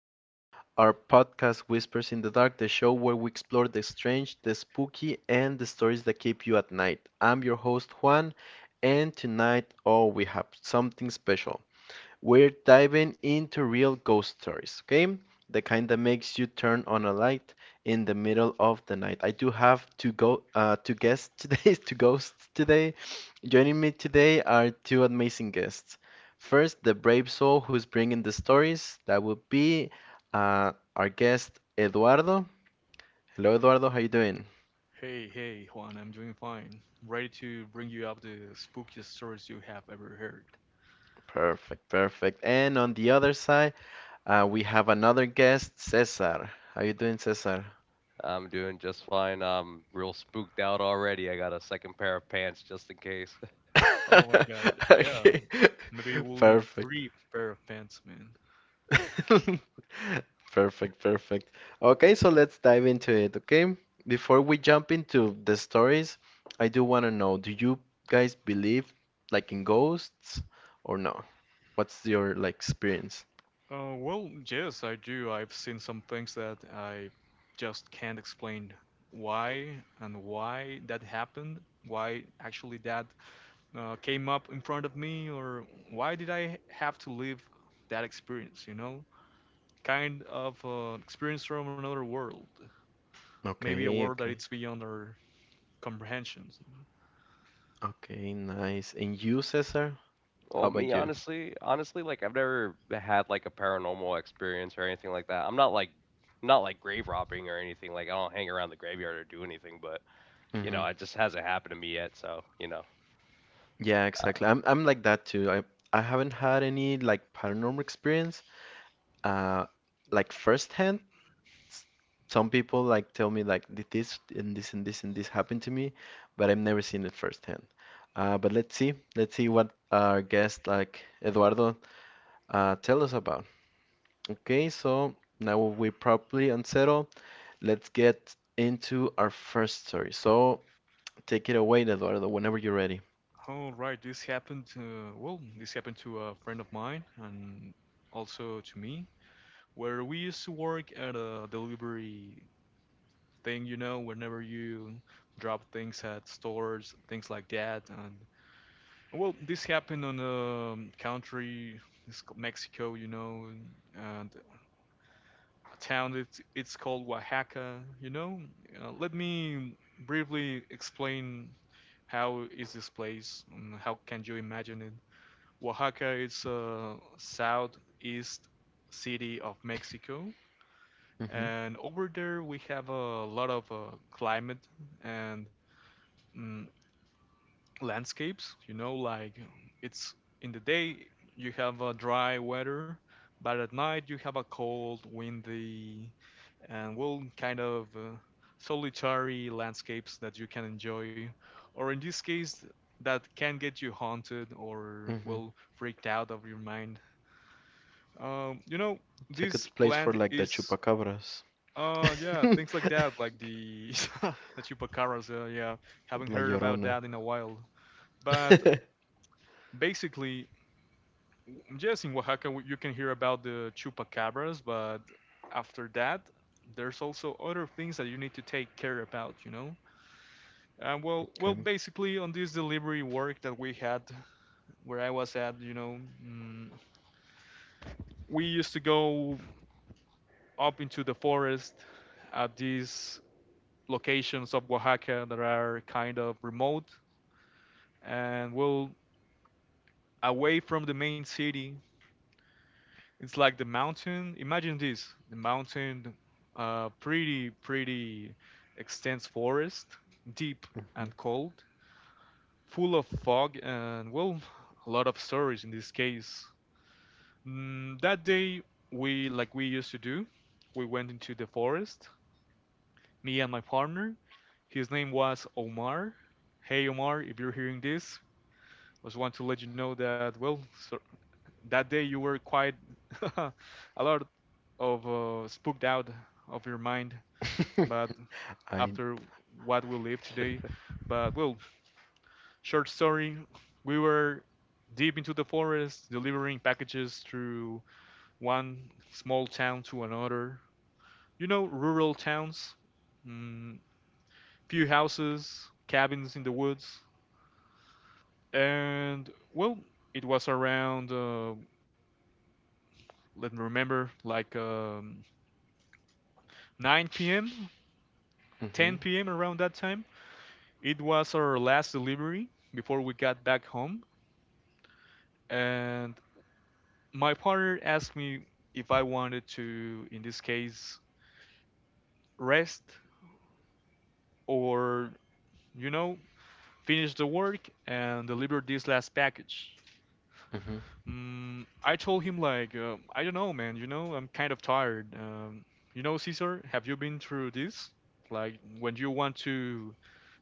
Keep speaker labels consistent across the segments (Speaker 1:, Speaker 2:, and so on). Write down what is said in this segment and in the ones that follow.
Speaker 1: to our podcast, Whispers in the Dark, the show where we explore the strange, the spooky, and the stories that keep you at night. I'm your host, Juan, and tonight, oh, we have something special. We're diving into real ghost stories, okay? The kind that makes you turn on a light in the middle of the night. I do have to go to guests today, to ghosts today. Joining me today are two amazing guests. First, the brave soul who's bringing the stories. That would be our guest Eduardo. Hello, Eduardo. How you doing?
Speaker 2: Hey, hey, Juan, I'm doing fine. Ready to bring you up the spookiest stories you have ever heard.
Speaker 1: Perfect, perfect. And on the other side, we have another guest, Cesar. How you doing, Cesar?
Speaker 3: I'm doing just fine. I'm real spooked out already. I got a second pair of pants just in case.
Speaker 2: Oh my god, yeah,
Speaker 1: Okay.
Speaker 2: maybe we'll need
Speaker 1: Perfect.
Speaker 2: three pair of pants, man.
Speaker 1: Perfect, perfect. Okay, so let's dive into it, okay? Before we jump into the stories, I do want to know, do you guys believe like in ghosts or no? What's your like experience?
Speaker 2: Well, yes, I do. I've seen some things that I just can't explain why and why that happened, why actually that came up in front of me, or why did I have to live that experience, you know? Kind of experience from another world. Maybe a
Speaker 1: Okay,
Speaker 2: world that
Speaker 1: okay.
Speaker 2: it's beyond our comprehensions.
Speaker 1: Okay, nice. And you, Cesar? How
Speaker 3: Well, me
Speaker 1: about you?
Speaker 3: honestly, I've never had a paranormal experience or anything like that. I'm not like grave robbing or anything. Like I don't hang around the graveyard or do anything, but you know,
Speaker 1: Hmm.
Speaker 3: it just hasn't happened to me yet, so, you know.
Speaker 1: Yeah, exactly. I'm like that too. I haven't had any like paranormal experience, uh, like firsthand, s- some people like tell me like "Did this and this and this and this happened to me, but I've never seen it firsthand. But let's see what our guest like Eduardo tell us about. Okay, so now we properly unsettle. Let's get into our first story. So take it away, Eduardo, whenever you're ready.
Speaker 2: All right, this happened. Well, this happened to a friend of mine and also to me, where we used to work at a delivery thing. You know, whenever you drop things at stores, things like that. And well, this happened on a country, it's called Mexico. You know, and a town. It's called Oaxaca. You know, let me briefly explain how is this place? How can you imagine it? Oaxaca is a southeast city of Mexico,
Speaker 1: Hmm.
Speaker 2: and over there we have a lot of climate and mm landscapes. You know, like it's in the day you have a dry weather, but at night you have a cold, windy, and well, kind of solitary landscapes that you can enjoy, or in this case, that can get you haunted or
Speaker 1: Hmm.
Speaker 2: well freaked out of your mind. Um, you know,
Speaker 1: It's a good
Speaker 2: this
Speaker 1: place for
Speaker 2: land
Speaker 1: like the
Speaker 2: is.
Speaker 1: chupacabras,
Speaker 2: Yeah, things like that, like the the chupacabras. Yeah, haven't
Speaker 1: La
Speaker 2: heard about
Speaker 1: Llorona.
Speaker 2: that in a while. But basically, yes, in Oaxaca you can hear about the chupacabras, but after that, there's also other things that you need to take care about, you know. And well,
Speaker 1: Okay.
Speaker 2: basically on this delivery work that we had, where I was at, you know, mm, we used to go up into the forest at these locations of Oaxaca that are kind of remote and well away from the main city. It's like the mountain. Imagine this, the mountain, pretty, pretty extensive forest, deep and cold, full of fog and well, a lot of stories in this case. That day, we like we used to do, we went into the forest. Me and my partner. His name was Omar. Hey Omar, if you're hearing this, I just want to let you know that well, so, that day you were quite a lot of spooked out of your mind,
Speaker 1: Hmm.
Speaker 2: but
Speaker 1: I.
Speaker 2: after what we live today. But well, short story, we were deep into the forest delivering packages through one small town to another. You know, rural towns, mm, few houses, cabins in the woods, and well, it was around let me remember, like 9 p.m.,
Speaker 1: Mhm.
Speaker 2: 10 p.m. around that time. It was our last delivery before we got back home, and my partner asked me if I wanted to, in this case, rest or, you know, finish the work and deliver this last package.
Speaker 1: Mhm.
Speaker 2: I told him, like, I don't know, man, you know, I'm kind of tired. You know, Caesar, have you been through this? Like, when you want to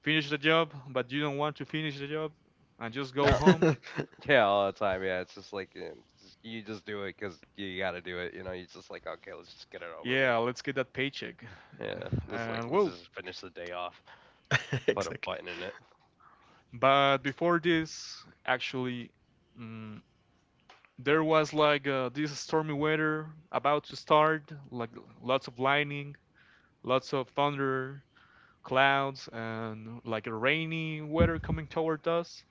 Speaker 2: finish the job, but you don't want to finish the job and just go
Speaker 3: No.
Speaker 2: home?
Speaker 3: Yeah, all the time. Yeah, it's just like you just do it cuz you got to do it, you know. You just like, okay, let's just get it over with.
Speaker 2: Yeah, let's get that paycheck.
Speaker 3: Yeah. Just like
Speaker 2: And
Speaker 3: let's
Speaker 2: well,
Speaker 3: just finish the day off. Put a
Speaker 1: Exactly.
Speaker 3: button in it.
Speaker 2: but before this, actually, mm, there was like this stormy weather about to start, like lots of lightning, lots of thunder, clouds, and like a rainy weather coming toward us.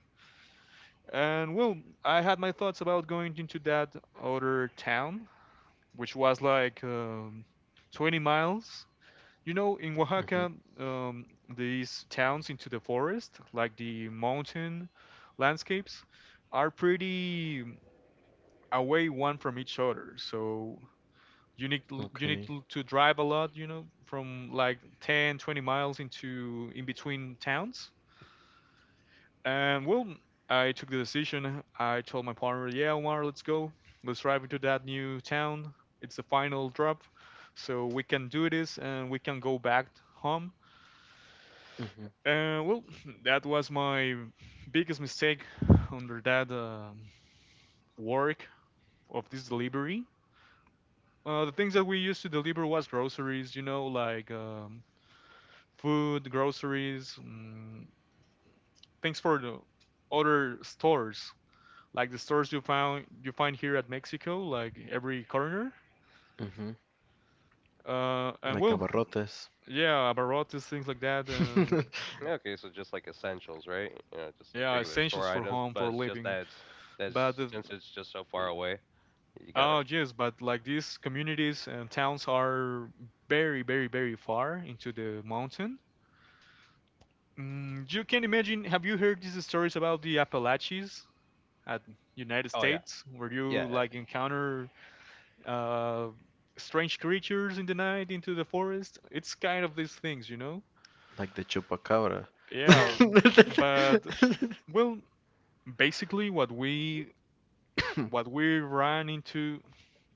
Speaker 2: And well, I had my thoughts about going into that other town, which was like 20 miles. You know, in
Speaker 1: Mhm.
Speaker 2: Oaxaca, um, these towns into the forest, like the mountain landscapes, are pretty away one from each other. So you need
Speaker 1: Okay.
Speaker 2: to drive a lot, you know, from like 10, 20 miles into in between towns. And well, I took the decision. I told my partner, "Yeah, Omar, let's go. Let's drive into that new town. It's the final drop, so we can do this and we can go back home."
Speaker 1: Mhm.
Speaker 2: Well, that was my biggest mistake under that work of this delivery. The things that we used to deliver was groceries, you know, like food, groceries, things for the other stores, like the stores you find here at Mexico, like every corner.
Speaker 1: Mhm.
Speaker 2: And
Speaker 1: Like
Speaker 2: well,
Speaker 1: abarrotes.
Speaker 2: yeah, abarrotes, things like that.
Speaker 3: Yeah, okay, so just like essentials, right? You know, just like
Speaker 2: Yeah,
Speaker 3: regular
Speaker 2: essentials
Speaker 3: store
Speaker 2: for
Speaker 3: items,
Speaker 2: home for
Speaker 3: but it's just
Speaker 2: living.
Speaker 3: that it's
Speaker 2: But
Speaker 3: that's
Speaker 2: the,
Speaker 3: since it's just so far away, you gotta.
Speaker 2: Oh, yes, but like these communities and towns are very, very, very far into the mountain. You can imagine, have you heard these stories about the Appalachies at United
Speaker 3: Oh yeah,
Speaker 2: States, where you
Speaker 3: yeah.
Speaker 2: like encounter uh, strange creatures in the night into the forest? It's kind of these things, you know?
Speaker 1: Like the chupacabra.
Speaker 2: Yeah, but well, basically what we ran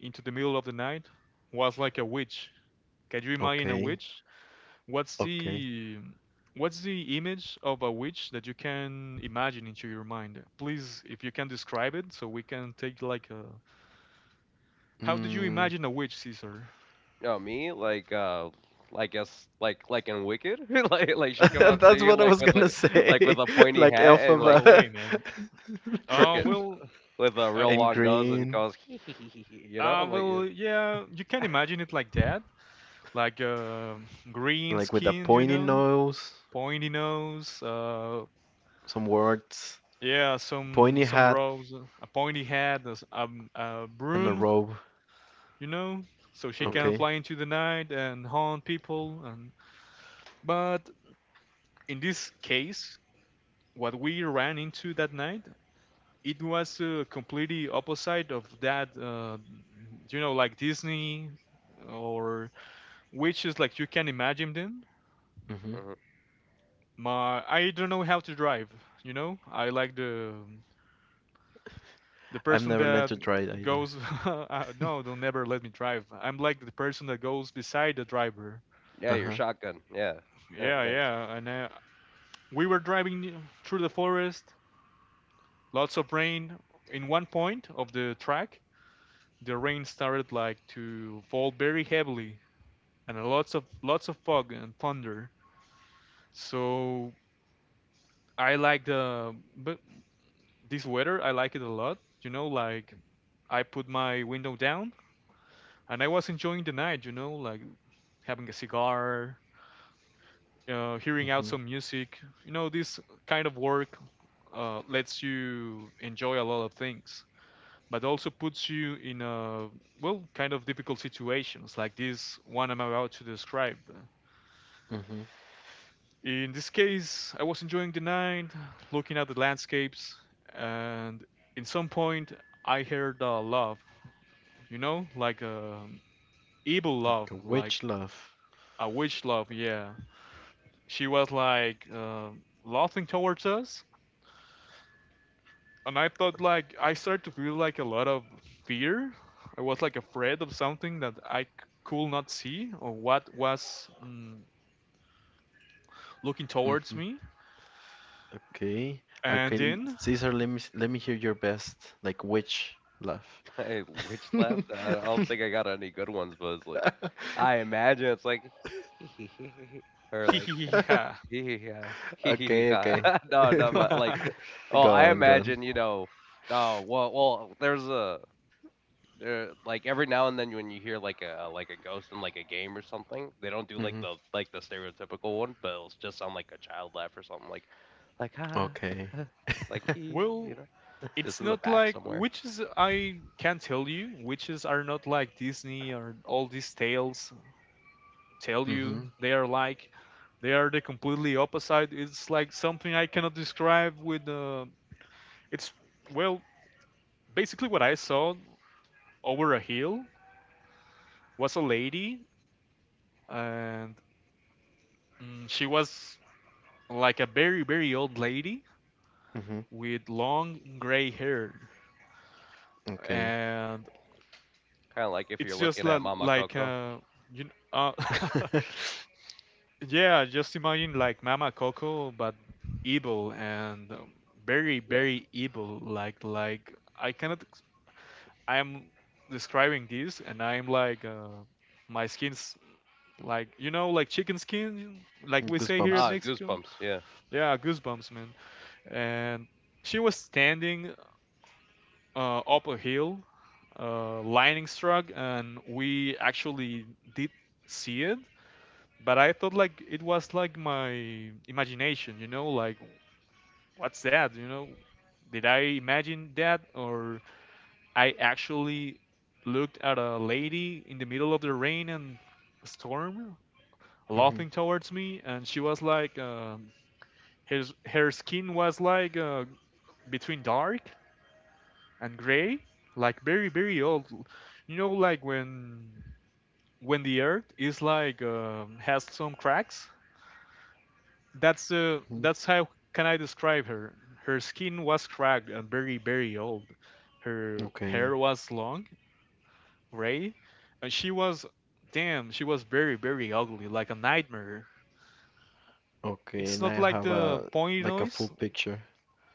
Speaker 2: into the middle of the night was like a witch. Can you imagine a
Speaker 1: Okay.
Speaker 2: witch? What's
Speaker 1: Okay.
Speaker 2: the what's the image of a witch that you can imagine into your mind? Please, if you can describe it, so we can take like a. How did you
Speaker 1: Mm.
Speaker 2: imagine a witch, Caesar?
Speaker 3: No, me like I guess like in Wicked, like she come out
Speaker 1: That's
Speaker 3: singing
Speaker 1: what I
Speaker 3: like
Speaker 1: was
Speaker 3: with like
Speaker 1: gonna
Speaker 3: with
Speaker 1: say.
Speaker 3: a pointy
Speaker 1: Like
Speaker 3: hat and like
Speaker 2: No
Speaker 1: Elphaba.
Speaker 2: way, man. Uh,
Speaker 3: crooked
Speaker 2: well,
Speaker 3: with a
Speaker 2: uh,
Speaker 3: real
Speaker 1: And
Speaker 3: long nose and
Speaker 1: green.
Speaker 3: goes hee hee hee hee, hee," you know,
Speaker 2: uh,
Speaker 3: like
Speaker 2: well, yeah, you can imagine it like that, like green
Speaker 1: Like with a
Speaker 2: skin, you
Speaker 1: pointy
Speaker 2: know,
Speaker 1: nose.
Speaker 2: pointy nose,
Speaker 1: Some words.
Speaker 2: yeah, some
Speaker 1: Pointy
Speaker 2: some
Speaker 1: hat
Speaker 2: rose, a pointy head, a
Speaker 1: and a
Speaker 2: broom,
Speaker 1: robe.
Speaker 2: you know, so she
Speaker 3: mm-hmm,
Speaker 2: can
Speaker 1: Okay.
Speaker 2: fly into the night and haunt people. And but in this case, what we ran into that night, it was completely opposite of that. Like Disney or witches, like you can imagine them.
Speaker 1: Mhm.
Speaker 3: mm-hmm.
Speaker 2: I don't know how to drive. You know, I like the
Speaker 1: I've
Speaker 2: person
Speaker 1: never learned
Speaker 2: that
Speaker 1: to drive either.
Speaker 2: goes. No, they'll never let me drive. I'm like the person that goes beside the driver.
Speaker 3: Yeah,
Speaker 1: Uh
Speaker 3: your
Speaker 1: huh.
Speaker 3: shotgun, yeah, yeah,
Speaker 2: Yeah,
Speaker 3: nice.
Speaker 2: yeah, we were driving through the forest, lots of rain. In one point of the track, the rain started like to fall very heavily, and lots of fog and thunder. So I like the but this weather, I like it a lot. You know, like I put my window down and I was enjoying the night. You know, like having a cigar,
Speaker 1: Ajá.
Speaker 2: hearing out
Speaker 1: Ujú,
Speaker 2: some music. You know, this kind of work lets you enjoy a lot of things. But also puts you in a well kind of difficult situations like this one I'm about to describe.
Speaker 1: ujú.
Speaker 2: In this case, I was enjoying the night, looking at the landscapes, and in some point I heard a love, you know, like a evil love,
Speaker 1: The
Speaker 2: like
Speaker 1: Which love.
Speaker 2: a witch love. Yeah, she was like laughing towards us, and I thought like I started to feel like a lot of fear. I was like afraid of something that I could not see or what was looking towards
Speaker 1: Mhm.
Speaker 2: me.
Speaker 1: Okay.
Speaker 2: And
Speaker 1: Okay,
Speaker 2: then,
Speaker 1: Caesar, let me hear your best, like which love.
Speaker 3: Hey, witch slapped? I don't think I got any good ones, but it's like, I imagine it's like, or
Speaker 2: hee
Speaker 3: like,
Speaker 2: hee hee ha.
Speaker 3: yeah,
Speaker 1: Okay, okay.
Speaker 3: no, no, but like, oh, I
Speaker 1: Gone, gone.
Speaker 3: imagine, you know, well, there, like every now and then when you hear like like a ghost in like a game or something, they don't do like
Speaker 1: Mhm.
Speaker 3: the, like the stereotypical one, but it'll just sound like a child laugh or something like, ah,
Speaker 1: Okay.
Speaker 3: like, "Ee," you
Speaker 2: Well,
Speaker 3: know, just
Speaker 2: it's
Speaker 3: in the
Speaker 2: not
Speaker 3: back
Speaker 2: like
Speaker 3: somewhere.
Speaker 2: witches. I can't tell you. Witches are not like Disney or all these tales tell you.
Speaker 1: Mhm.
Speaker 2: They are the completely opposite. It's like something I cannot describe with. It's Well, basically what I saw over a hill was a lady, and she was like a very, very old lady
Speaker 1: Mhm.
Speaker 2: with long gray hair.
Speaker 1: Okay.
Speaker 2: And
Speaker 3: Kind of like if you're
Speaker 2: it's just
Speaker 3: looking at
Speaker 2: like,
Speaker 3: Mama Coco.
Speaker 2: you, kn- uh, yeah, just imagine like Mama Coco, but evil and very,
Speaker 3: Yeah.
Speaker 2: very evil. Like, I cannot. I'm describing this, and I'm like, my skin's like like chicken skin, like we say here at
Speaker 1: Goosebumps.
Speaker 3: Ah,
Speaker 2: Mexico.
Speaker 3: goosebumps. Yeah.
Speaker 2: Yeah, goosebumps, man. And she was standing up a hill, lightning struck, and we actually did see it. But I thought like it was like my imagination, you know, like what's that, you know? Did I imagine that, or I actually looked at a lady in the middle of the rain and storm,
Speaker 1: Mhm.
Speaker 2: laughing towards me, and she was like, her skin was like between dark and gray, like very very old. You know, like when the earth is like has some cracks. That's uh,
Speaker 1: Mhm.
Speaker 2: that's how can I describe her. Her skin was cracked and very very old. Her hair
Speaker 1: Okay.
Speaker 2: was long, gray, and she was damn. She was very very ugly, like a nightmare.
Speaker 1: Okay,
Speaker 2: It's
Speaker 1: and
Speaker 2: not
Speaker 1: I
Speaker 2: like
Speaker 1: have
Speaker 2: the
Speaker 1: a
Speaker 2: pointy
Speaker 1: like a full
Speaker 2: noise.
Speaker 1: picture.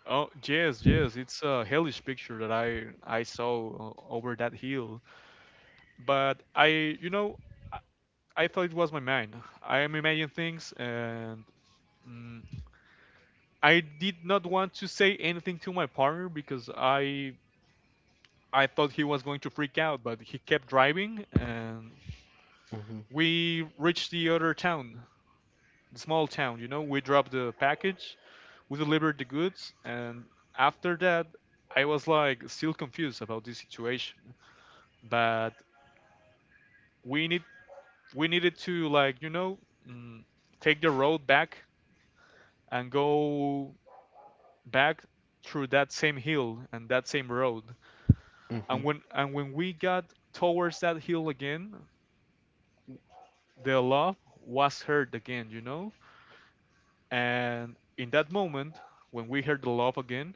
Speaker 2: Oh yes, yes, it's a hellish picture that I saw over that hill. But I thought it was my mind. I am imagining things, and mm, I did not want to say anything to my partner because I thought he was going to freak out, but he kept driving, and
Speaker 1: Mhm.
Speaker 2: we reached the other town, the small town. You know, we dropped the package, we delivered the goods, and after that, I was like still confused about this situation. But we need we needed to like mm, take the road back and go back through that same hill and that same road. And when we got towards that hill again, the love was heard again, you know? And in that moment, when we heard the love again,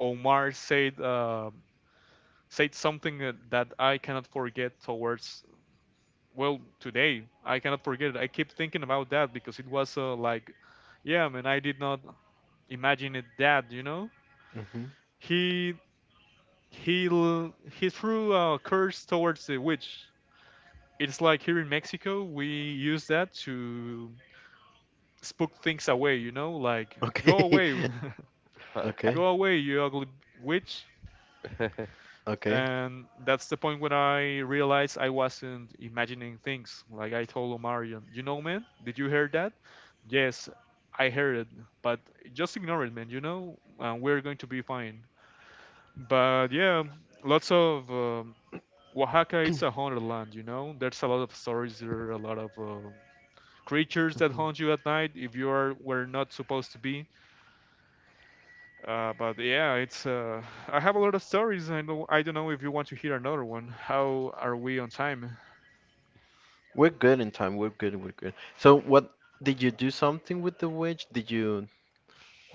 Speaker 2: Omar said said something that I cannot forget towards well today. I cannot forget it. I keep thinking about that because it was like, yeah, man, I did not imagine it that, you know?
Speaker 1: Mhm.
Speaker 2: He he he threw a curse towards the witch. It's like here in Mexico, we use that to spook things away, you know, like go
Speaker 1: Okay.
Speaker 2: away,
Speaker 3: Okay.
Speaker 1: Okay.
Speaker 2: go away, you ugly witch.
Speaker 1: Okay.
Speaker 2: And that's the point when I realized I wasn't imagining things. Like I told Omarion, you know, man, did you hear that? Yes, I heard it, but just ignore it, man. You know, and we're going to be fine. But yeah, lots of Oaxaca, it's
Speaker 1: Mhm.
Speaker 2: a haunted land, you know? There's a lot of stories, there are a lot of creatures that haunt you at night if you are where not supposed to be. But yeah, it's. I have a lot of stories. I know. I don't know if you want to hear another one. How are we on time?
Speaker 1: We're good in time. We're good. We're good. So what did you do something with the witch? Did you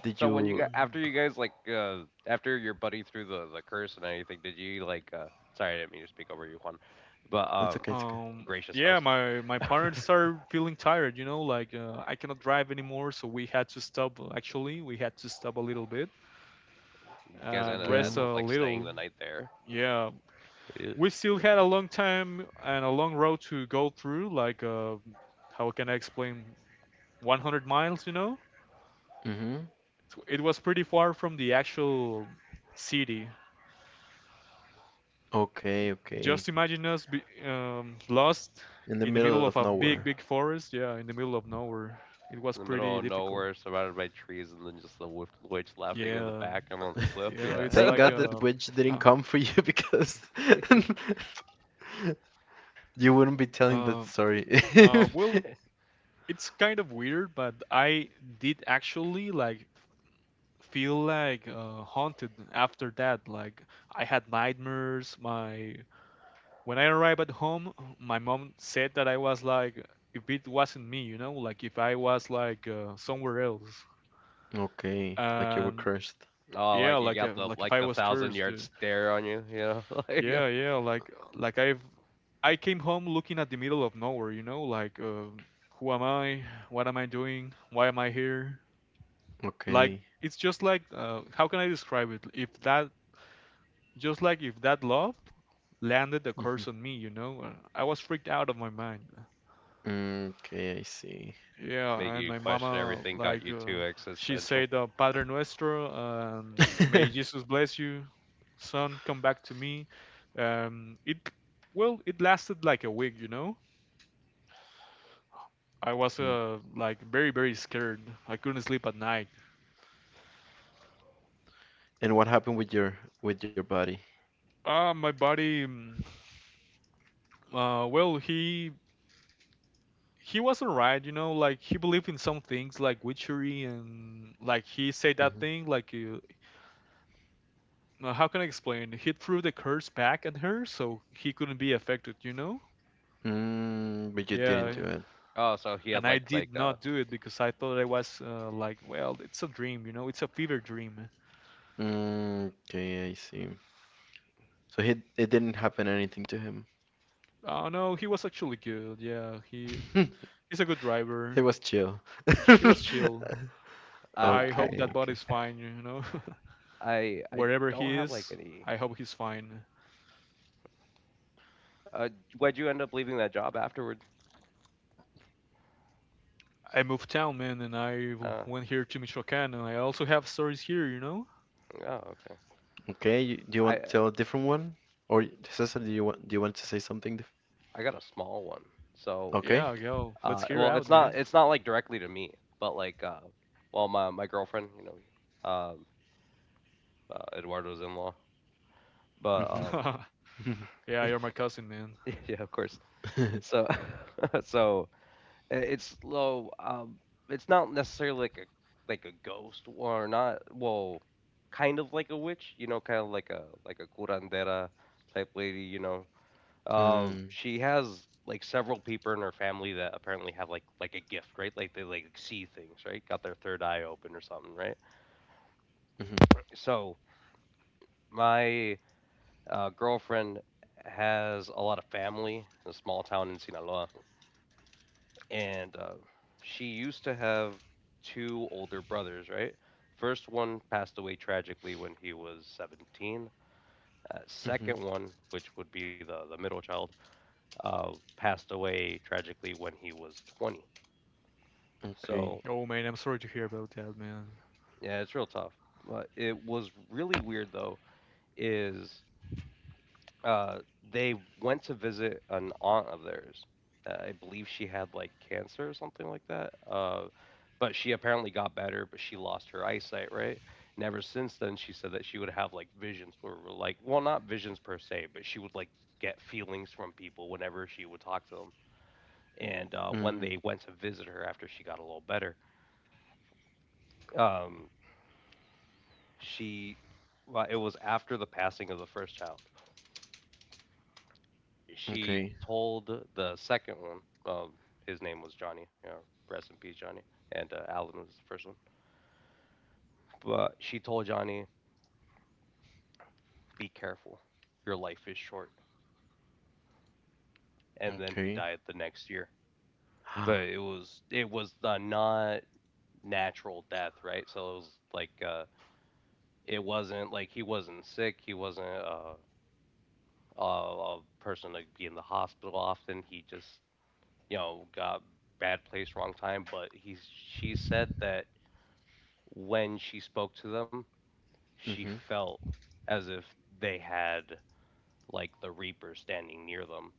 Speaker 1: did
Speaker 3: So when you
Speaker 1: you
Speaker 3: got after
Speaker 2: Mhm.
Speaker 3: you guys like after your buddy threw the curse and anything, did you like sorry I didn't mean to speak over you, Juan, but
Speaker 1: It's okay, it's okay.
Speaker 2: Um.
Speaker 3: gracious
Speaker 2: Yeah,
Speaker 3: host,
Speaker 2: my parents started feeling tired. You know, like I cannot drive anymore, so we had to stop. Actually, we had to stop a little bit
Speaker 3: you guys
Speaker 2: and
Speaker 3: ended
Speaker 1: Okay.
Speaker 2: rest
Speaker 3: ended up
Speaker 2: a
Speaker 3: like staying
Speaker 2: little.
Speaker 3: the night there.
Speaker 2: Yeah,
Speaker 3: Yeah.
Speaker 2: we still had a long time and a long road to go through like how can I explain, 100 miles, you know?
Speaker 1: Mm-hmm.
Speaker 2: It was pretty far from the actual city.
Speaker 1: Okay,
Speaker 2: Just
Speaker 1: okay.
Speaker 2: imagine us lost
Speaker 1: In the
Speaker 2: in the
Speaker 1: middle
Speaker 2: middle
Speaker 1: of
Speaker 2: of a
Speaker 1: nowhere.
Speaker 2: big forest, yeah, in the middle of nowhere. It was
Speaker 3: In the middle
Speaker 2: pretty
Speaker 3: of
Speaker 2: difficult.
Speaker 3: nowhere, surrounded by trees, and then just the witch laughing in the
Speaker 2: Yeah,
Speaker 3: back and on the cliff.
Speaker 2: yeah, it's
Speaker 3: Yeah.
Speaker 1: Thank
Speaker 2: like
Speaker 1: God that witch didn't
Speaker 2: uh,
Speaker 1: come for you because you wouldn't be telling that
Speaker 2: uh,
Speaker 1: story.
Speaker 2: well, it's kind of weird, but I did actually like feel like haunted after that. Like I had nightmares. My When I arrived at home, my mom said that I was like, if it wasn't me, you know, like if I was like somewhere else.
Speaker 1: Okay, like you were
Speaker 2: And
Speaker 1: cursed.
Speaker 3: Oh,
Speaker 2: yeah,
Speaker 3: like you got the
Speaker 2: like if
Speaker 3: like
Speaker 2: I
Speaker 3: the
Speaker 2: was
Speaker 3: thousand
Speaker 2: cursed.
Speaker 3: yard stare on you. You know, like
Speaker 2: Yeah, yeah, like like I came home looking at the middle of nowhere, you know, like who am I? What am I doing? Why am I here? Like
Speaker 1: Okay.
Speaker 2: it's just like how can I describe it? If that, just like if that love landed the curse
Speaker 1: Mm-hmm.
Speaker 2: on me, you know. I was freaked out of my mind.
Speaker 1: Mm, okay, I see.
Speaker 3: make
Speaker 2: Yeah, and
Speaker 3: you
Speaker 2: my
Speaker 3: question
Speaker 2: mama,
Speaker 3: everything. Got
Speaker 2: like,
Speaker 3: you too
Speaker 2: she
Speaker 3: existential.
Speaker 2: said, Padre Nuestro, may Jesus bless you, son, come back to me. Um, it, well, it lasted like a week, you know. I was, like, very, very scared. I couldn't sleep at night.
Speaker 1: And what happened with your body?
Speaker 2: My buddy, well, he was alright, you know, like he believed in some things like witchery and like he said that
Speaker 1: Hmm.
Speaker 2: thing like now, how can I explain? He threw the curse back at her, so he couldn't be affected, you know?
Speaker 1: Mm, but you didn't
Speaker 3: Mm.
Speaker 1: do
Speaker 2: Yeah,
Speaker 1: it.
Speaker 3: Oh, so he
Speaker 2: and
Speaker 3: had
Speaker 2: I
Speaker 3: like.
Speaker 2: did not do it because I thought I was like, well, it's a dream, you know? It's a fever dream.
Speaker 1: Mm, okay, I see. So he it didn't happen anything to him.
Speaker 2: Oh no, he was actually good. Yeah, he's a good
Speaker 1: He
Speaker 2: driver.
Speaker 1: was chill.
Speaker 2: He was chill. I
Speaker 3: I
Speaker 2: hope that
Speaker 1: Okay, okay,
Speaker 2: body's
Speaker 3: Okay.
Speaker 2: fine, you know?
Speaker 3: I I
Speaker 2: Wherever
Speaker 3: don't
Speaker 2: he
Speaker 3: have, like,
Speaker 2: is,
Speaker 3: any
Speaker 2: I hope he's fine.
Speaker 3: uh, why'd you end up leaving that job afterward?
Speaker 2: I moved town, man, and I
Speaker 3: Oh,
Speaker 2: went here to Michoacán, and I also have stories here, you know?
Speaker 3: oh, okay.
Speaker 1: okay. You, do you
Speaker 3: I
Speaker 1: want to tell a different one, or Cesar, do you want to say something? Dif
Speaker 3: I got a small one. So,
Speaker 1: Okay.
Speaker 2: Yeah, yo, let's hear
Speaker 3: well,
Speaker 2: out,
Speaker 3: it's
Speaker 2: man.
Speaker 3: not it's not, like, directly to me, but, like, well, my girlfriend, you know, Eduardo's in-law, but,
Speaker 1: Mm-hmm. Mm-hmm.
Speaker 2: Yeah, you're my cousin, man.
Speaker 3: yeah, of course. So so, it's low. It's not necessarily like a a ghost or not. Well, kind of like a witch, you know, kind of like a a curandera type lady, you know.
Speaker 1: Mm,
Speaker 3: She has like several people in her family that apparently have like a gift, right? Like they like see things, right? Got their third eye open or something, right?
Speaker 1: mm-hmm.
Speaker 3: So my girlfriend has a lot of family in a small town in Sinaloa and she used to have two older brothers, right? First one passed away tragically when he was 17.
Speaker 1: Mm-hmm.
Speaker 3: Second one, which would be the middle child, uh, passed away tragically when he was 20.
Speaker 1: Okay.
Speaker 3: So,
Speaker 2: Oh man, I'm sorry to hear about that, man.
Speaker 3: yeah, it's real tough. But it was really weird, though, is uh, they went to visit an aunt of theirs. I believe she had like cancer or something like that. But she apparently got better, but she lost her eyesight, right? And ever since then, she said that she would have like visions where, were, like, well, not visions per se, but she would like get feelings from people whenever she would talk to them. And when
Speaker 1: Mm-hmm.
Speaker 3: they went to visit her after she got a little better, um, she, well, it was after the passing of the first child. She
Speaker 1: Okay.
Speaker 3: told the second one, um, his name was Johnny. Yeah, rest in peace, Johnny. And Alan was the first one. But she told Johnny, "Be careful, your life is short." And then he
Speaker 1: Okay.
Speaker 3: died the next year. But it was it was the not natural death, right? So it was like it wasn't like he wasn't sick. He wasn't a person to be in the hospital often. He just you know got bad place, wrong time. But he she said that when she spoke to them, she
Speaker 1: Mm-hmm.
Speaker 3: felt as if they had like the Reaper standing near them.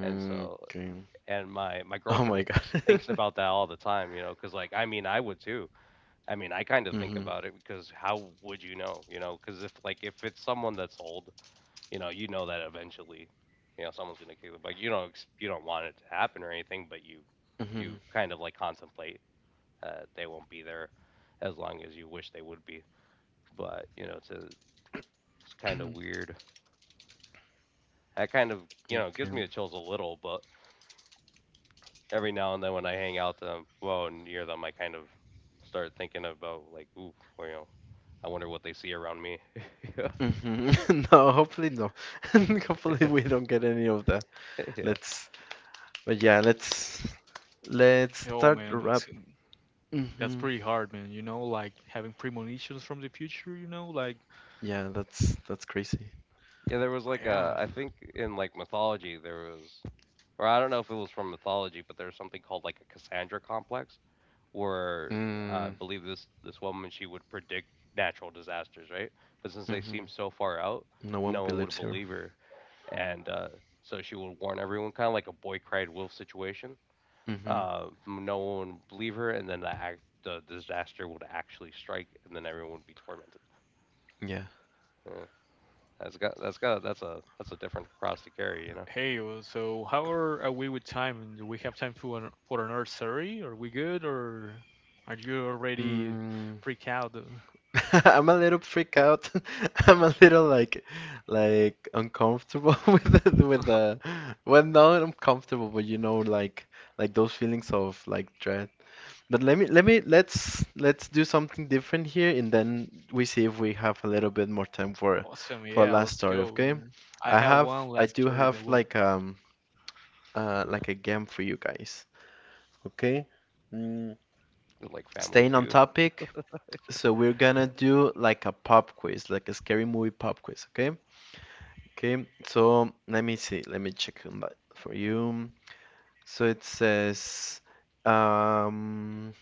Speaker 3: And so,
Speaker 1: okay.
Speaker 3: and my
Speaker 1: Oh
Speaker 3: girlfriend
Speaker 1: my God.
Speaker 3: thinks about that all the time, you know, because like I mean I would too. I mean I kind of think
Speaker 1: Mhm.
Speaker 3: about it because how would you know, you know? Because if it's someone that's old, you know that eventually, you know, someone's gonna kill the bike. You don't ex- you don't want it to happen or anything, but you
Speaker 1: Mhm.
Speaker 3: kind of like contemplate they won't be there as long as you wish they would be. But you know, it's a, it's kind of weird. That kind of you know
Speaker 1: Okay.
Speaker 3: gives me the chills a little, but every now and then when I hang out them, well, near them, I kind of start thinking about like, ooh, well, you know, I wonder what they see around me. Yeah,
Speaker 1: Mhm. No, hopefully no. Hopefully we don't get any of that.
Speaker 3: yeah,
Speaker 1: Let's. But yeah, let's
Speaker 2: Oh
Speaker 1: start the
Speaker 2: man,
Speaker 1: wrap.
Speaker 2: that's
Speaker 1: Mhm.
Speaker 2: pretty hard, man. You know, like having premonitions from the future. You know, like
Speaker 1: Yeah, that's crazy.
Speaker 3: yeah. There was like
Speaker 2: yeah.
Speaker 3: a, I think in like mythology there was, or I don't know if it was from mythology, but there's something called like a Cassandra complex, where I
Speaker 1: Mm.
Speaker 3: believe this woman she would predict natural disasters, right? But since they seemed
Speaker 1: Mhm.
Speaker 3: so far out,
Speaker 1: No one
Speaker 3: no one would
Speaker 1: believes her.
Speaker 3: believe her. And so she would warn everyone, kind of like a boy cried wolf situation.
Speaker 1: Mhm.
Speaker 3: No one would believe her, and then the disaster would actually strike, and then everyone would be tormented.
Speaker 1: Yeah.
Speaker 3: Yeah, that's got that's a different cross to carry, you know,
Speaker 2: Hey, well, so are we with time? Do we have time for for another story? Are we good, or are you already
Speaker 1: Mm.
Speaker 2: freaked out?
Speaker 1: I'm a little freaked out. I'm a little like uncomfortable with the well, not uncomfortable, but you know, like those feelings of like dread. But let me let's do something different here and then we see if we have a little bit more time for
Speaker 2: Awesome,
Speaker 1: for our
Speaker 2: yeah,
Speaker 1: last
Speaker 2: let's
Speaker 1: story,
Speaker 2: go.
Speaker 1: okay?
Speaker 2: I
Speaker 1: I
Speaker 2: have
Speaker 1: have
Speaker 2: one
Speaker 1: I
Speaker 2: last
Speaker 1: do
Speaker 2: story
Speaker 1: have
Speaker 2: that will.
Speaker 1: like um uh like a game for you guys, okay? Mm,
Speaker 3: like Family
Speaker 1: staying on
Speaker 3: Feud.
Speaker 1: topic, so we're gonna do like a pop quiz, like a scary movie pop quiz, okay? Okay, so let me see, let me check on that for you. So it says um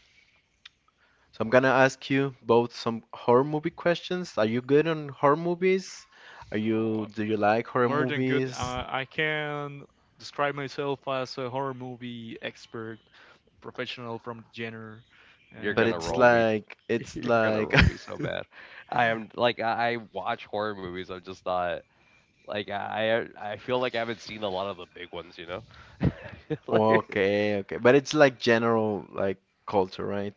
Speaker 1: so I'm gonna ask you both some horror movie questions. Are you good on horror movies? Are
Speaker 2: Oh,
Speaker 1: you
Speaker 2: uh,
Speaker 1: do you like horror
Speaker 2: More than good.
Speaker 1: movies?
Speaker 2: I can describe myself as a horror movie expert professional from the genre.
Speaker 3: You're
Speaker 1: But
Speaker 3: gonna
Speaker 2: And
Speaker 1: it's
Speaker 3: roll
Speaker 2: well,
Speaker 3: me.
Speaker 1: like it's
Speaker 3: You're gonna
Speaker 1: like
Speaker 3: roll me so bad. I am like I watch horror movies. I'm just not like I feel like I haven't seen a lot of the big ones, you know. like,
Speaker 1: okay, okay. But it's like general like culture, right?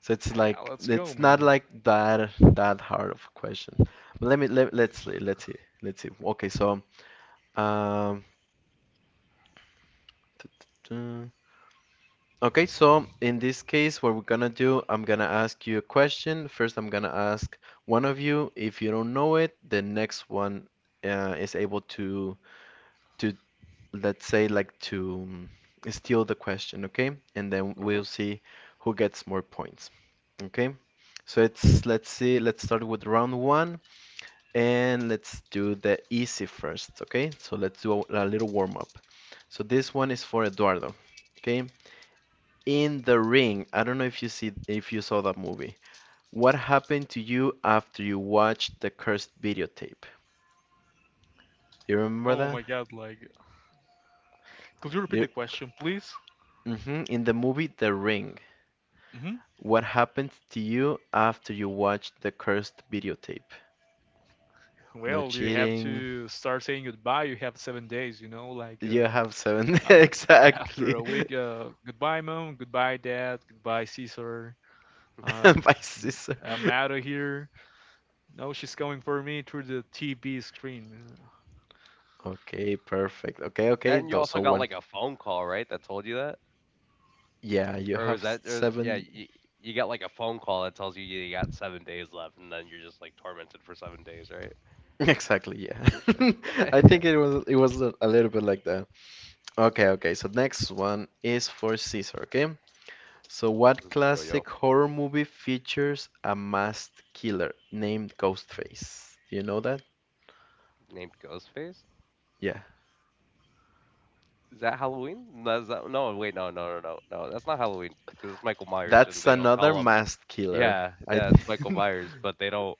Speaker 1: So it's
Speaker 2: yeah,
Speaker 1: like
Speaker 2: let's go,
Speaker 1: it's not
Speaker 2: man.
Speaker 1: like that hard of a question. But let's see. Let's see. Okay, so um okay, so in this case, what we're gonna do, I'm gonna ask you a question. First, I'm gonna ask one of you. If you don't know it, the next one is able to to let's say like to steal the question, okay? And then we'll
Speaker 3: mhm.
Speaker 1: see who gets more points, okay? So it's let's see, let's start with round one and let's do the easy first, okay? So let's do a little warm up. So this one is for Eduardo, okay? In The Ring. I don't know if you saw that movie. What happened to you after you watched the cursed videotape? Do you remember
Speaker 2: Oh
Speaker 1: that?
Speaker 2: my god, like, could you repeat
Speaker 1: The,
Speaker 2: the question, please?
Speaker 1: hmm. In the movie The Ring,
Speaker 2: Hmm.
Speaker 1: what happened to you after you watched the cursed videotape? No
Speaker 2: Well, you have
Speaker 1: cheating.
Speaker 2: to start saying goodbye. You have 7 days, you know, like
Speaker 1: You have seven
Speaker 2: uh, after a
Speaker 1: exactly
Speaker 2: week, goodbye, mom, goodbye, dad, goodbye, Caesar. Um,
Speaker 1: by scissor.
Speaker 2: I'm out of here. No, she's coming for me through the TV screen.
Speaker 1: Okay, perfect. Okay,
Speaker 3: That
Speaker 1: okay.
Speaker 3: and you
Speaker 1: Those
Speaker 3: also
Speaker 1: So
Speaker 3: got
Speaker 1: one.
Speaker 3: like a phone call, right? That told you that.
Speaker 1: Yeah, you
Speaker 3: Or was
Speaker 1: have
Speaker 3: that or, yeah,
Speaker 1: seven.
Speaker 3: you you get like a phone call that tells you you got 7 days left and then you're just like tormented for 7 days, right?
Speaker 1: Exactly. Yeah, I
Speaker 3: Yeah.
Speaker 1: think it was a little bit like that. Okay, okay. So next one is for Caesar, okay? So what
Speaker 3: Mm, yo yo
Speaker 1: classic horror movie features a masked killer named Ghostface? Do you know that?
Speaker 3: named Ghostface?
Speaker 1: Yeah.
Speaker 3: Is that Halloween? No, is that, no, wait, no. That's not Halloween because it's Michael Myers and
Speaker 1: That's
Speaker 3: they don't
Speaker 1: another
Speaker 3: call him.
Speaker 1: masked killer,
Speaker 3: Yeah,
Speaker 1: I
Speaker 3: yeah, it's Michael
Speaker 1: think.
Speaker 3: Myers, but they don't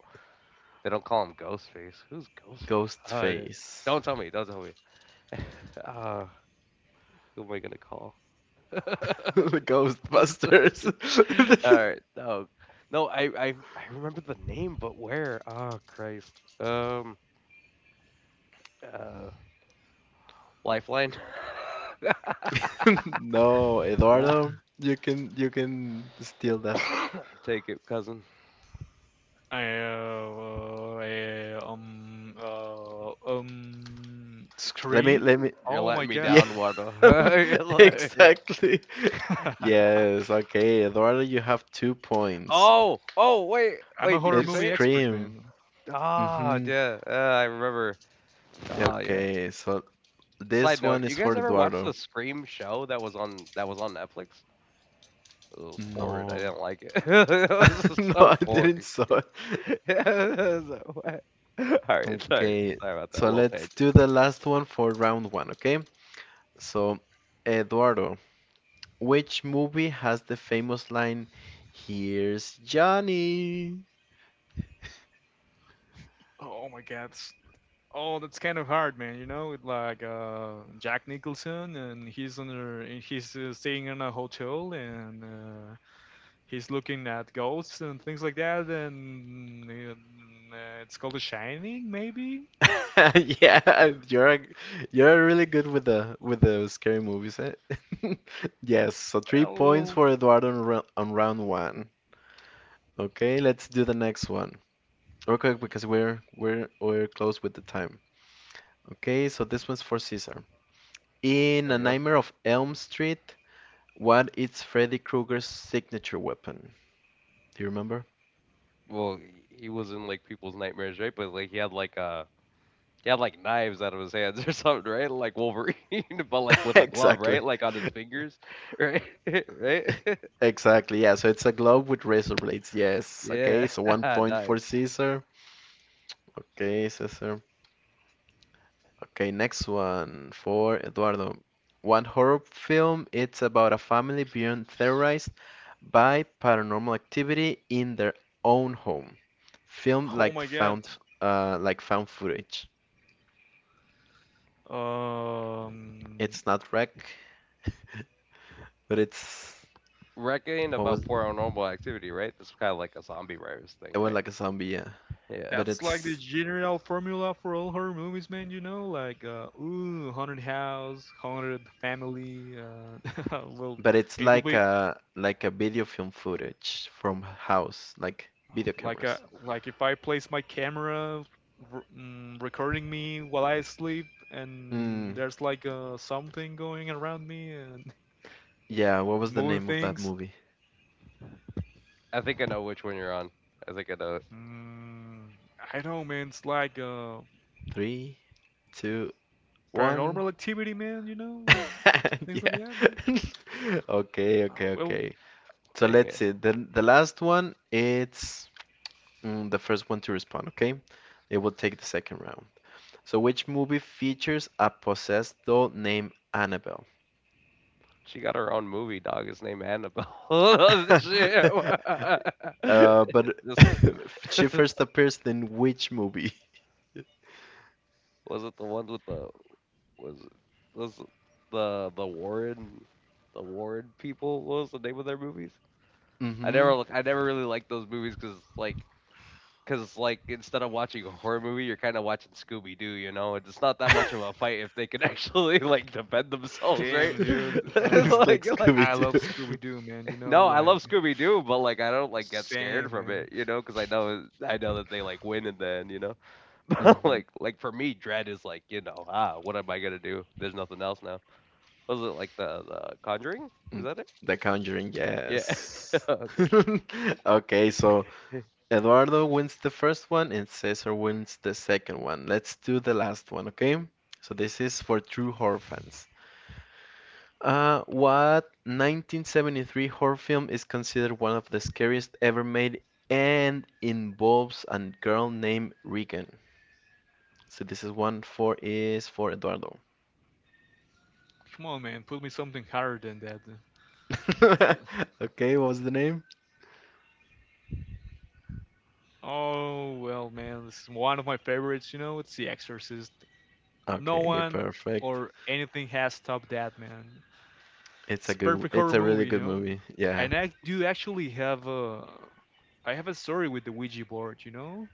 Speaker 3: call him Ghostface. Who's Ghostface? Uh, d-
Speaker 1: Ghostface.
Speaker 3: don't tell me. Don't tell me. uh, who am I gonna call? Ghostbusters.
Speaker 1: Ghostbusters.
Speaker 3: Alright, oh, no, I remember the name, but where? Oh, Christ. Um, uh, Lifeline?
Speaker 1: No,
Speaker 3: Nah,
Speaker 1: Eduardo, you can steal that.
Speaker 3: take it, cousin.
Speaker 2: Uh,
Speaker 1: Let me let
Speaker 2: Scream?
Speaker 1: me
Speaker 3: You're
Speaker 2: Oh my
Speaker 3: letting me
Speaker 1: Yeah,
Speaker 2: god.
Speaker 3: down, Wardo. You're let
Speaker 1: exactly. Yes, okay, Eduardo, you have 2 points.
Speaker 3: oh! Oh, wait,
Speaker 2: I'm a
Speaker 3: wait, did
Speaker 2: horror
Speaker 3: you
Speaker 1: It's
Speaker 3: say
Speaker 2: movie
Speaker 3: it?
Speaker 2: expert,
Speaker 1: cream.
Speaker 2: man.
Speaker 3: Ah,
Speaker 1: Mm-hmm.
Speaker 3: yeah, I remember. Ah, yeah.
Speaker 1: Okay, so this
Speaker 3: Side
Speaker 1: one
Speaker 3: note, you
Speaker 1: is for
Speaker 3: guys ever watch
Speaker 1: Eduardo.
Speaker 3: the Scream show that was on Netflix? It was horrid, I
Speaker 1: No.
Speaker 3: didn't like it. It was
Speaker 1: No, I
Speaker 3: so
Speaker 1: didn't
Speaker 3: boring.
Speaker 1: saw it.
Speaker 3: So, all right, sorry
Speaker 1: Okay,
Speaker 3: about that
Speaker 1: so
Speaker 3: little
Speaker 1: let's
Speaker 3: tangent.
Speaker 1: do the last one for round one, okay? So, Eduardo, which movie has the famous line, "Here's Johnny?"
Speaker 2: Oh my god. Oh, that's kind of hard, man. You know, with like Jack Nicholson, and he's under, and he's staying in a hotel, and he's looking at ghosts and things like that. And it's called The Shining, maybe.
Speaker 1: Yeah, you're really good with the scary movies, eh? Yes, so three
Speaker 2: Well,
Speaker 1: points
Speaker 2: well.
Speaker 1: for Eduardo on round one. Okay, let's do the next one. Real quick because we're close with the time. Okay, so this one's for Caesar. In
Speaker 3: Yo,
Speaker 1: A
Speaker 3: yo.
Speaker 1: Nightmare of Elm Street, what is Freddy Krueger's signature weapon? Do you remember?
Speaker 3: Well, he was in like people's nightmares, right? But like he had like he had like knives out of his hands or something, right? Like Wolverine, but like with a glove,
Speaker 1: Exactly.
Speaker 3: right? Like on his fingers, right? right?
Speaker 1: Exactly, yeah. So it's a glove with razor blades. Yes. Okay,
Speaker 3: yeah,
Speaker 1: so one point for
Speaker 3: nice.
Speaker 1: Caesar. Okay, Cesar. Okay, next one for Eduardo. One horror film, it's about a family being terrorized by paranormal activity in their own home. Filmed
Speaker 2: Oh my god.
Speaker 1: like found footage.
Speaker 2: Um,
Speaker 1: It's not wreck, but it's
Speaker 3: Reckon
Speaker 1: what was
Speaker 3: about
Speaker 1: it?
Speaker 3: paranormal activity, right? This is kind of like a zombie virus
Speaker 1: It
Speaker 3: thing,
Speaker 1: was
Speaker 3: right?
Speaker 1: like a zombie, yeah.
Speaker 3: Yeah,
Speaker 1: But
Speaker 2: That's like the
Speaker 1: it's
Speaker 2: general formula for all horror movies, man. You know, like ooh, haunted house, haunted family. Well,
Speaker 1: but it's
Speaker 2: it could
Speaker 1: like
Speaker 2: be
Speaker 1: a video film footage from house, like video
Speaker 2: like a
Speaker 1: cameras.
Speaker 2: like if I place my camera recording me while I sleep, and
Speaker 1: Mm,
Speaker 2: there's like something going around me and
Speaker 1: yeah, what was the
Speaker 2: moving
Speaker 1: name of that
Speaker 2: things.
Speaker 1: movie?
Speaker 3: I think I know which one you're on. I think I know it.
Speaker 2: Mm, I know, man. It's like
Speaker 1: Three, two, one.
Speaker 2: paranormal activity, man. You know, like things like
Speaker 1: Yeah.
Speaker 2: that.
Speaker 1: Okay,
Speaker 2: Uh,
Speaker 1: okay,
Speaker 2: Well,
Speaker 1: okay. So let's
Speaker 3: Dang.
Speaker 1: see. The last one, it's the first one to respond, okay? It will take the second round. So which movie features a possessed doll named Annabelle?
Speaker 3: She got her own movie, dog. It's named Annabelle. Shit.
Speaker 1: Uh, but
Speaker 3: This
Speaker 1: she
Speaker 3: was
Speaker 1: first appears in which movie?
Speaker 3: it the ones with the was it the the Warren the Warren people? What was the name of their movies? I
Speaker 1: Mm-hmm.
Speaker 3: never look. I never really liked those movies because like instead of watching a horror movie, you're kind of watching Scooby Doo. You know, it's not that much of a fight if they can actually like defend themselves, right?
Speaker 2: Damn, dude. Uh,
Speaker 1: It's like
Speaker 3: like
Speaker 2: I love
Speaker 1: Scooby-Doo.
Speaker 2: Scooby Doo, man. You know,
Speaker 3: no, I love
Speaker 2: like,
Speaker 3: Scooby Doo, but like I don't like get
Speaker 2: same,
Speaker 3: scared from
Speaker 2: man.
Speaker 3: it, you know, because I know that they like win in the end, you know. But like like for me, dread is like you know ah what am I gonna do? There's nothing else now. Was it like the Conjuring? Is
Speaker 1: Mm,
Speaker 3: that it?
Speaker 1: The Conjuring,
Speaker 3: Yeah.
Speaker 1: yes.
Speaker 3: okay.
Speaker 1: Okay, so
Speaker 3: Hey,
Speaker 1: Eduardo wins the first one and Cesar wins the second one. Let's do the last one, okay? So this is for true horror fans. What 1973 horror film is considered one of the scariest ever made and involves a girl named Regan? So this is one for is for Eduardo.
Speaker 2: Come on, man. Put me something harder than that. It's, uh,
Speaker 1: Okay, what was the name?
Speaker 2: oh, well, man. This is one of my favorites, you know? It's The Exorcist. No
Speaker 1: Okay,
Speaker 2: one
Speaker 1: perfect.
Speaker 2: or anything has stopped that, man.
Speaker 1: It's a
Speaker 2: It's a
Speaker 1: good,
Speaker 2: perfect
Speaker 1: it's
Speaker 2: horror
Speaker 1: a really
Speaker 2: movie, you
Speaker 1: good
Speaker 2: know?
Speaker 1: movie. Yeah.
Speaker 2: And I do actually have a. I have a story with the Ouija board, you know?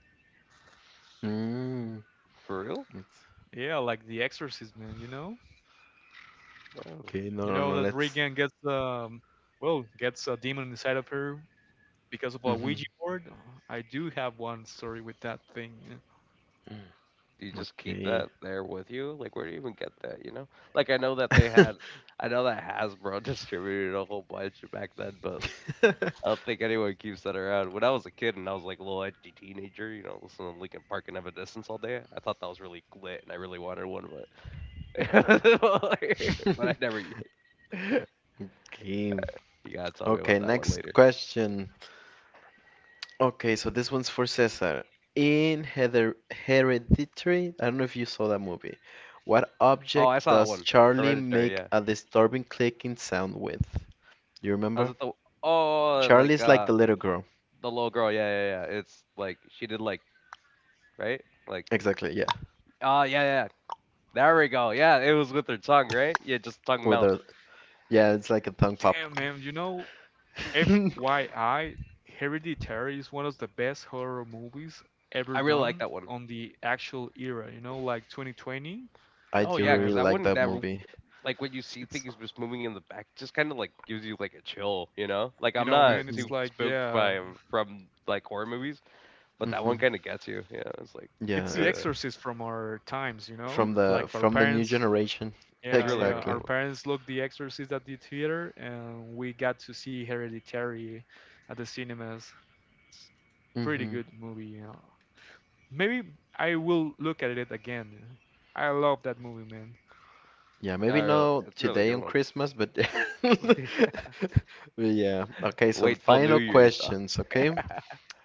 Speaker 1: Mm,
Speaker 3: for real?
Speaker 1: it's,
Speaker 2: Yeah, like The Exorcist, man, you know?
Speaker 3: No.
Speaker 1: okay. No,
Speaker 2: You
Speaker 1: no,
Speaker 2: know
Speaker 1: no.
Speaker 2: that
Speaker 1: Let's.
Speaker 2: Regan gets, well, gets a demon inside of her because of a
Speaker 1: Hmm.
Speaker 2: Ouija board. I do have one story with that thing.
Speaker 3: Do you just keep
Speaker 1: Okay.
Speaker 3: that there with you? Like where do you even get that? You know? Like I know that they had. I know that Hasbro distributed a whole bunch back then, but I don't think anyone keeps that around. When I was a kid and I was like a little edgy teenager, you know, listening to Linkin Park and Evanescence all day, I thought that was really lit and I really wanted one, but but I never.
Speaker 1: Okay.
Speaker 3: You gotta tell me
Speaker 1: Okay,
Speaker 3: about that one
Speaker 1: next
Speaker 3: later.
Speaker 1: question. Okay, so this one's for Cesar. In Heather Hereditary, I don't know if you saw that movie. What
Speaker 3: Oh, I
Speaker 1: object
Speaker 3: saw that
Speaker 1: does
Speaker 3: one,
Speaker 1: Charlie
Speaker 3: Hereditary.
Speaker 1: make
Speaker 3: Yeah,
Speaker 1: a disturbing clicking sound with? You
Speaker 3: I was
Speaker 1: remember?
Speaker 3: at the oh, like
Speaker 1: Charlie's like the little girl.
Speaker 3: the little girl. Yeah, yeah. It's like she did like right, like
Speaker 1: Exactly, yeah.
Speaker 3: oh yeah, yeah. There we go. Yeah, it was with her tongue, right? Yeah, just tongue
Speaker 1: With
Speaker 3: mouth.
Speaker 1: a yeah, it's like a tongue pop.
Speaker 2: Damn, man, you know, FYI, Hereditary is one of the best horror movies ever
Speaker 3: I really like
Speaker 2: done
Speaker 3: that one.
Speaker 2: on the actual era, you know, like 2020.
Speaker 1: I
Speaker 3: Oh
Speaker 1: do
Speaker 3: yeah,
Speaker 1: really
Speaker 3: because
Speaker 2: And
Speaker 3: that
Speaker 1: like
Speaker 3: one
Speaker 1: that
Speaker 3: that
Speaker 1: movie.
Speaker 3: like when you see
Speaker 2: it's,
Speaker 3: things just moving in the back, it just kind of like gives you like a chill, you know? Like
Speaker 2: you
Speaker 3: I'm
Speaker 2: know, man,
Speaker 3: not
Speaker 1: Hmm.
Speaker 2: it's
Speaker 3: too
Speaker 2: like,
Speaker 3: spooked
Speaker 2: yeah,
Speaker 3: by from like horror movies, but that one
Speaker 1: Hmm.
Speaker 3: kind of gets you. Yeah, it's like,
Speaker 1: Yeah,
Speaker 2: it's the
Speaker 1: it's
Speaker 3: ugh.
Speaker 2: exorcist from our times, you know,
Speaker 1: from the
Speaker 2: like our
Speaker 1: from the new
Speaker 2: parents.
Speaker 1: generation.
Speaker 3: It's
Speaker 2: Yeah,
Speaker 3: really a
Speaker 2: yeah,
Speaker 3: real good
Speaker 1: Exactly.
Speaker 2: our
Speaker 3: one.
Speaker 2: parents looked The Exorcist at the theater, and we got to see Hereditary at the cinemas. Pretty
Speaker 1: Hmm.
Speaker 2: good movie. You know. Maybe I will look at it again. I love that movie, man.
Speaker 1: Yeah,
Speaker 3: I
Speaker 1: maybe
Speaker 3: really,
Speaker 1: not
Speaker 3: it's a really
Speaker 1: today
Speaker 3: good
Speaker 1: on
Speaker 3: one.
Speaker 1: Christmas, but but yeah. Okay, so
Speaker 3: Wait till New
Speaker 1: final
Speaker 3: Year's, though.
Speaker 1: questions, okay?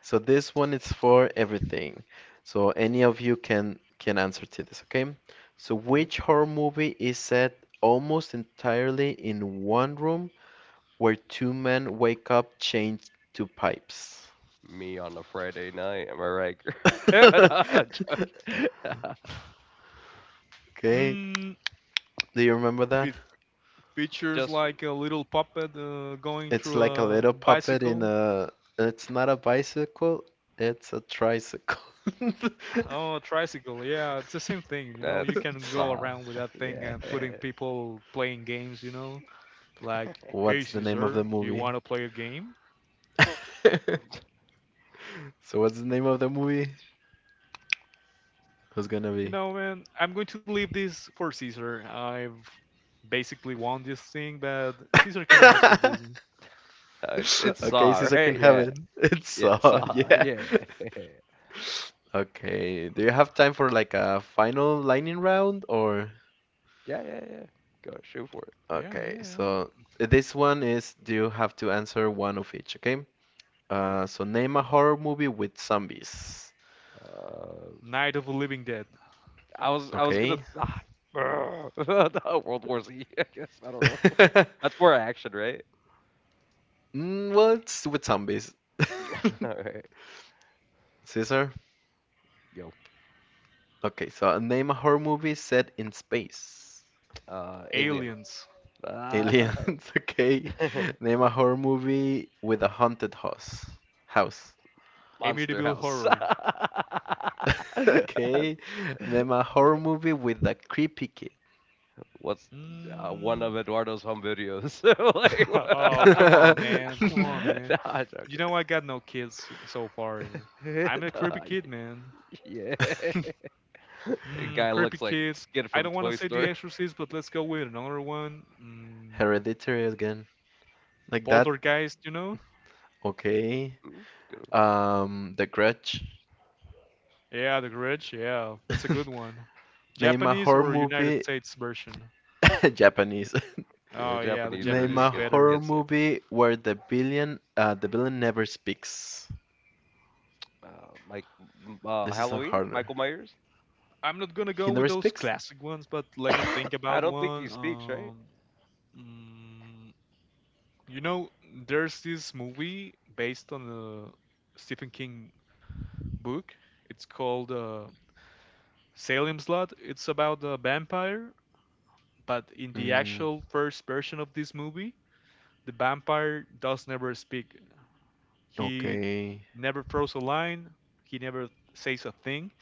Speaker 1: So this one is for everything. So any of you can answer to this, okay? So
Speaker 3: Mhm.
Speaker 1: which horror movie is set almost entirely in one room, where two men wake up chained to pipes.
Speaker 3: Me on a Friday night. Am I right? No, I'm joking.
Speaker 1: Okay,
Speaker 2: Mm,
Speaker 1: do you remember that?
Speaker 2: it features
Speaker 3: just
Speaker 2: like a little puppet going
Speaker 1: It's
Speaker 2: through
Speaker 1: like a
Speaker 2: a
Speaker 1: little puppet in
Speaker 2: bicycle.
Speaker 1: a. It's not a bicycle, it's a tricycle.
Speaker 2: Oh, a tricycle. Yeah, it's the same thing. You know, you
Speaker 3: that's
Speaker 2: can go
Speaker 3: Saw.
Speaker 2: around with that thing
Speaker 3: Yeah,
Speaker 2: and putting people playing games. You know, like,
Speaker 1: What's
Speaker 2: hey
Speaker 1: the name of the
Speaker 2: Caesar, do you
Speaker 1: movie?
Speaker 2: want to play a game?
Speaker 1: So, what's the name of the movie? Who's gonna
Speaker 2: You
Speaker 1: be?
Speaker 2: know, man, I'm going to leave this for Caesar. I've basically won this thing, but Caesar can answer this.
Speaker 3: It's Saw,
Speaker 1: Okay, Caesar
Speaker 3: right?
Speaker 1: can have
Speaker 3: Yeah,
Speaker 1: it. It's
Speaker 3: yeah,
Speaker 1: Saw,
Speaker 3: Saw.
Speaker 1: yeah.
Speaker 3: Yeah, yeah,
Speaker 1: Okay, do you have time for like a final lightning round or?
Speaker 3: yeah. Yeah. Go shoot for it.
Speaker 2: Yeah,
Speaker 1: Okay,
Speaker 2: yeah.
Speaker 1: so this one is you have to answer one of each, okay?
Speaker 3: Mhm.
Speaker 1: So name a horror movie with zombies.
Speaker 3: Uh,
Speaker 2: Night of the Living Dead,
Speaker 3: I was
Speaker 1: Okay.
Speaker 3: gonna th- ah, no, World War Z, I guess. I don't know. That's more action, right?
Speaker 1: Mm, well, it's with zombies.
Speaker 3: All right.
Speaker 1: Caesar?
Speaker 3: Yo,
Speaker 1: Okay, so name a horror movie set in space.
Speaker 3: Alien.
Speaker 2: Aliens,
Speaker 3: Ah,
Speaker 1: Aliens, okay. Name a horror movie with a haunted house. House.
Speaker 3: Monster
Speaker 2: Amityville
Speaker 3: House.
Speaker 2: Horror.
Speaker 1: Okay. Name a horror movie with a creepy
Speaker 3: What's one
Speaker 2: Mm.
Speaker 3: of Eduardo's home videos? like,
Speaker 2: Oh, come on, man. Come
Speaker 1: kid.
Speaker 2: on, man.
Speaker 3: nah,
Speaker 2: You
Speaker 3: Joker.
Speaker 2: know I got no kids so far. I'm a
Speaker 3: nah,
Speaker 2: creepy kid, man.
Speaker 3: yeah.
Speaker 2: Mm,
Speaker 3: Guy
Speaker 2: creepy
Speaker 3: looks like
Speaker 2: kid.
Speaker 3: Skid
Speaker 2: I
Speaker 3: from
Speaker 2: don't want to
Speaker 3: Toy
Speaker 2: say The
Speaker 3: Story.
Speaker 2: Exorcist, but let's go with another one.
Speaker 1: Hereditary again. Like that.
Speaker 2: Poltergeist, you know?
Speaker 1: Okay.
Speaker 3: Good one.
Speaker 1: The Grudge.
Speaker 2: Yeah, The Grudge. Yeah, that's a good one.
Speaker 1: Name a
Speaker 2: Japanese
Speaker 1: horror
Speaker 2: or United
Speaker 1: movie.
Speaker 2: States version?
Speaker 1: Japanese.
Speaker 3: Yeah,
Speaker 2: Oh yeah, the
Speaker 3: Japanese
Speaker 1: Name
Speaker 3: version
Speaker 2: Japanese
Speaker 1: a
Speaker 2: is
Speaker 3: gets
Speaker 1: horror
Speaker 2: better.
Speaker 3: gets
Speaker 1: movie where the villain never speaks.
Speaker 3: Uh, Mike,
Speaker 1: This is a
Speaker 3: Halloween,
Speaker 1: harder.
Speaker 3: Michael Myers.
Speaker 2: I'm not gonna
Speaker 1: He
Speaker 2: go with
Speaker 1: never
Speaker 2: those
Speaker 1: speaks?
Speaker 2: classic ones, but let me think
Speaker 3: I
Speaker 2: about
Speaker 3: don't think he
Speaker 2: one.
Speaker 3: speaks, right?
Speaker 2: Mm, you know, there's this movie based on a Stephen King book. It's called Salem's Lot. It's about a vampire, but in the
Speaker 1: Mm,
Speaker 2: actual first version of this movie, the vampire does never speak. He
Speaker 1: okay.
Speaker 2: never throws a line. He never says a thing.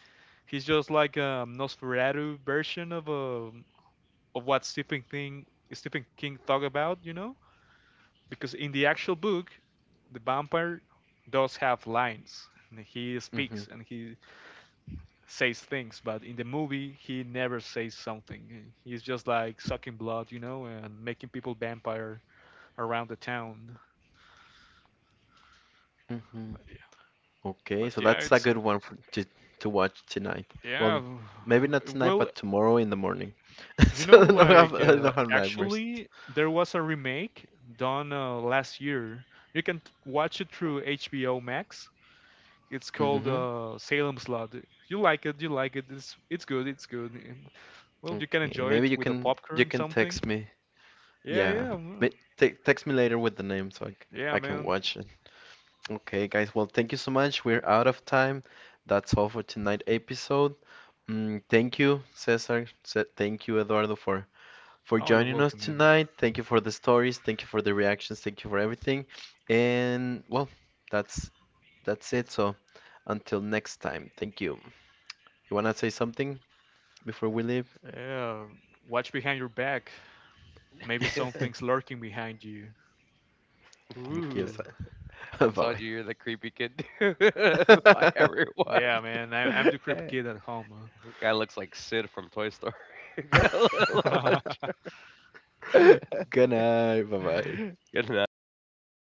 Speaker 2: He's just like a Nosferatu version of a of what Stephen King thought about, you know? Because in the actual book, the vampire does have lines and he speaks
Speaker 1: Mm-hmm.
Speaker 2: and he says things, but in the movie he never says something. He's just like sucking blood, you know, and making people vampire around the town.
Speaker 1: Mm-hmm.
Speaker 2: But yeah,
Speaker 1: Okay,
Speaker 2: but
Speaker 1: so
Speaker 2: yeah
Speaker 1: that's a
Speaker 2: it's
Speaker 1: good one to watch tonight.
Speaker 2: yeah,
Speaker 1: Well, maybe not
Speaker 2: well,
Speaker 1: tonight, but tomorrow in the morning.
Speaker 2: you know,
Speaker 1: So I don't
Speaker 2: like
Speaker 1: have I don't have nightmares.
Speaker 2: actually there was a remake done last year. You can watch it through HBO Max. It's called
Speaker 1: Mm-hmm.
Speaker 2: Salem's Lot. You like it, you like it. It's good, it's good. And, well, you can
Speaker 1: Okay,
Speaker 2: enjoy
Speaker 1: maybe
Speaker 2: it
Speaker 1: you
Speaker 2: with a
Speaker 1: can you
Speaker 2: popcorn
Speaker 1: can
Speaker 2: something.
Speaker 1: text me.
Speaker 2: Yeah,
Speaker 1: Yeah,
Speaker 2: yeah, mm,
Speaker 1: Ma- te text me later with the name so I, c-
Speaker 2: yeah,
Speaker 1: I can
Speaker 2: man.
Speaker 1: watch it. Okay, guys. Well, thank you so much. We're out of time. That's all for tonight episode. Mm, thank you, Cesar. Thank you, Eduardo, for
Speaker 2: Oh, you're
Speaker 1: joining us
Speaker 2: welcome, man.
Speaker 1: tonight. Thank you for the stories. Thank you for the reactions. Thank you for everything. And well, that's that's it. So until next time, thank you. You wanna say something before we leave?
Speaker 2: Yeah, watch behind your back. Maybe something's lurking behind you.
Speaker 1: Thank you.
Speaker 2: Ooh,
Speaker 1: Bye
Speaker 3: I told
Speaker 1: bye.
Speaker 3: you you're the creepy kid by everyone.
Speaker 2: yeah, man. I'm the creepy kid at home.
Speaker 3: Guy looks like Sid from Toy Story.
Speaker 2: Huh?
Speaker 3: Good
Speaker 1: Ganai, vai.
Speaker 3: night. Bye bye.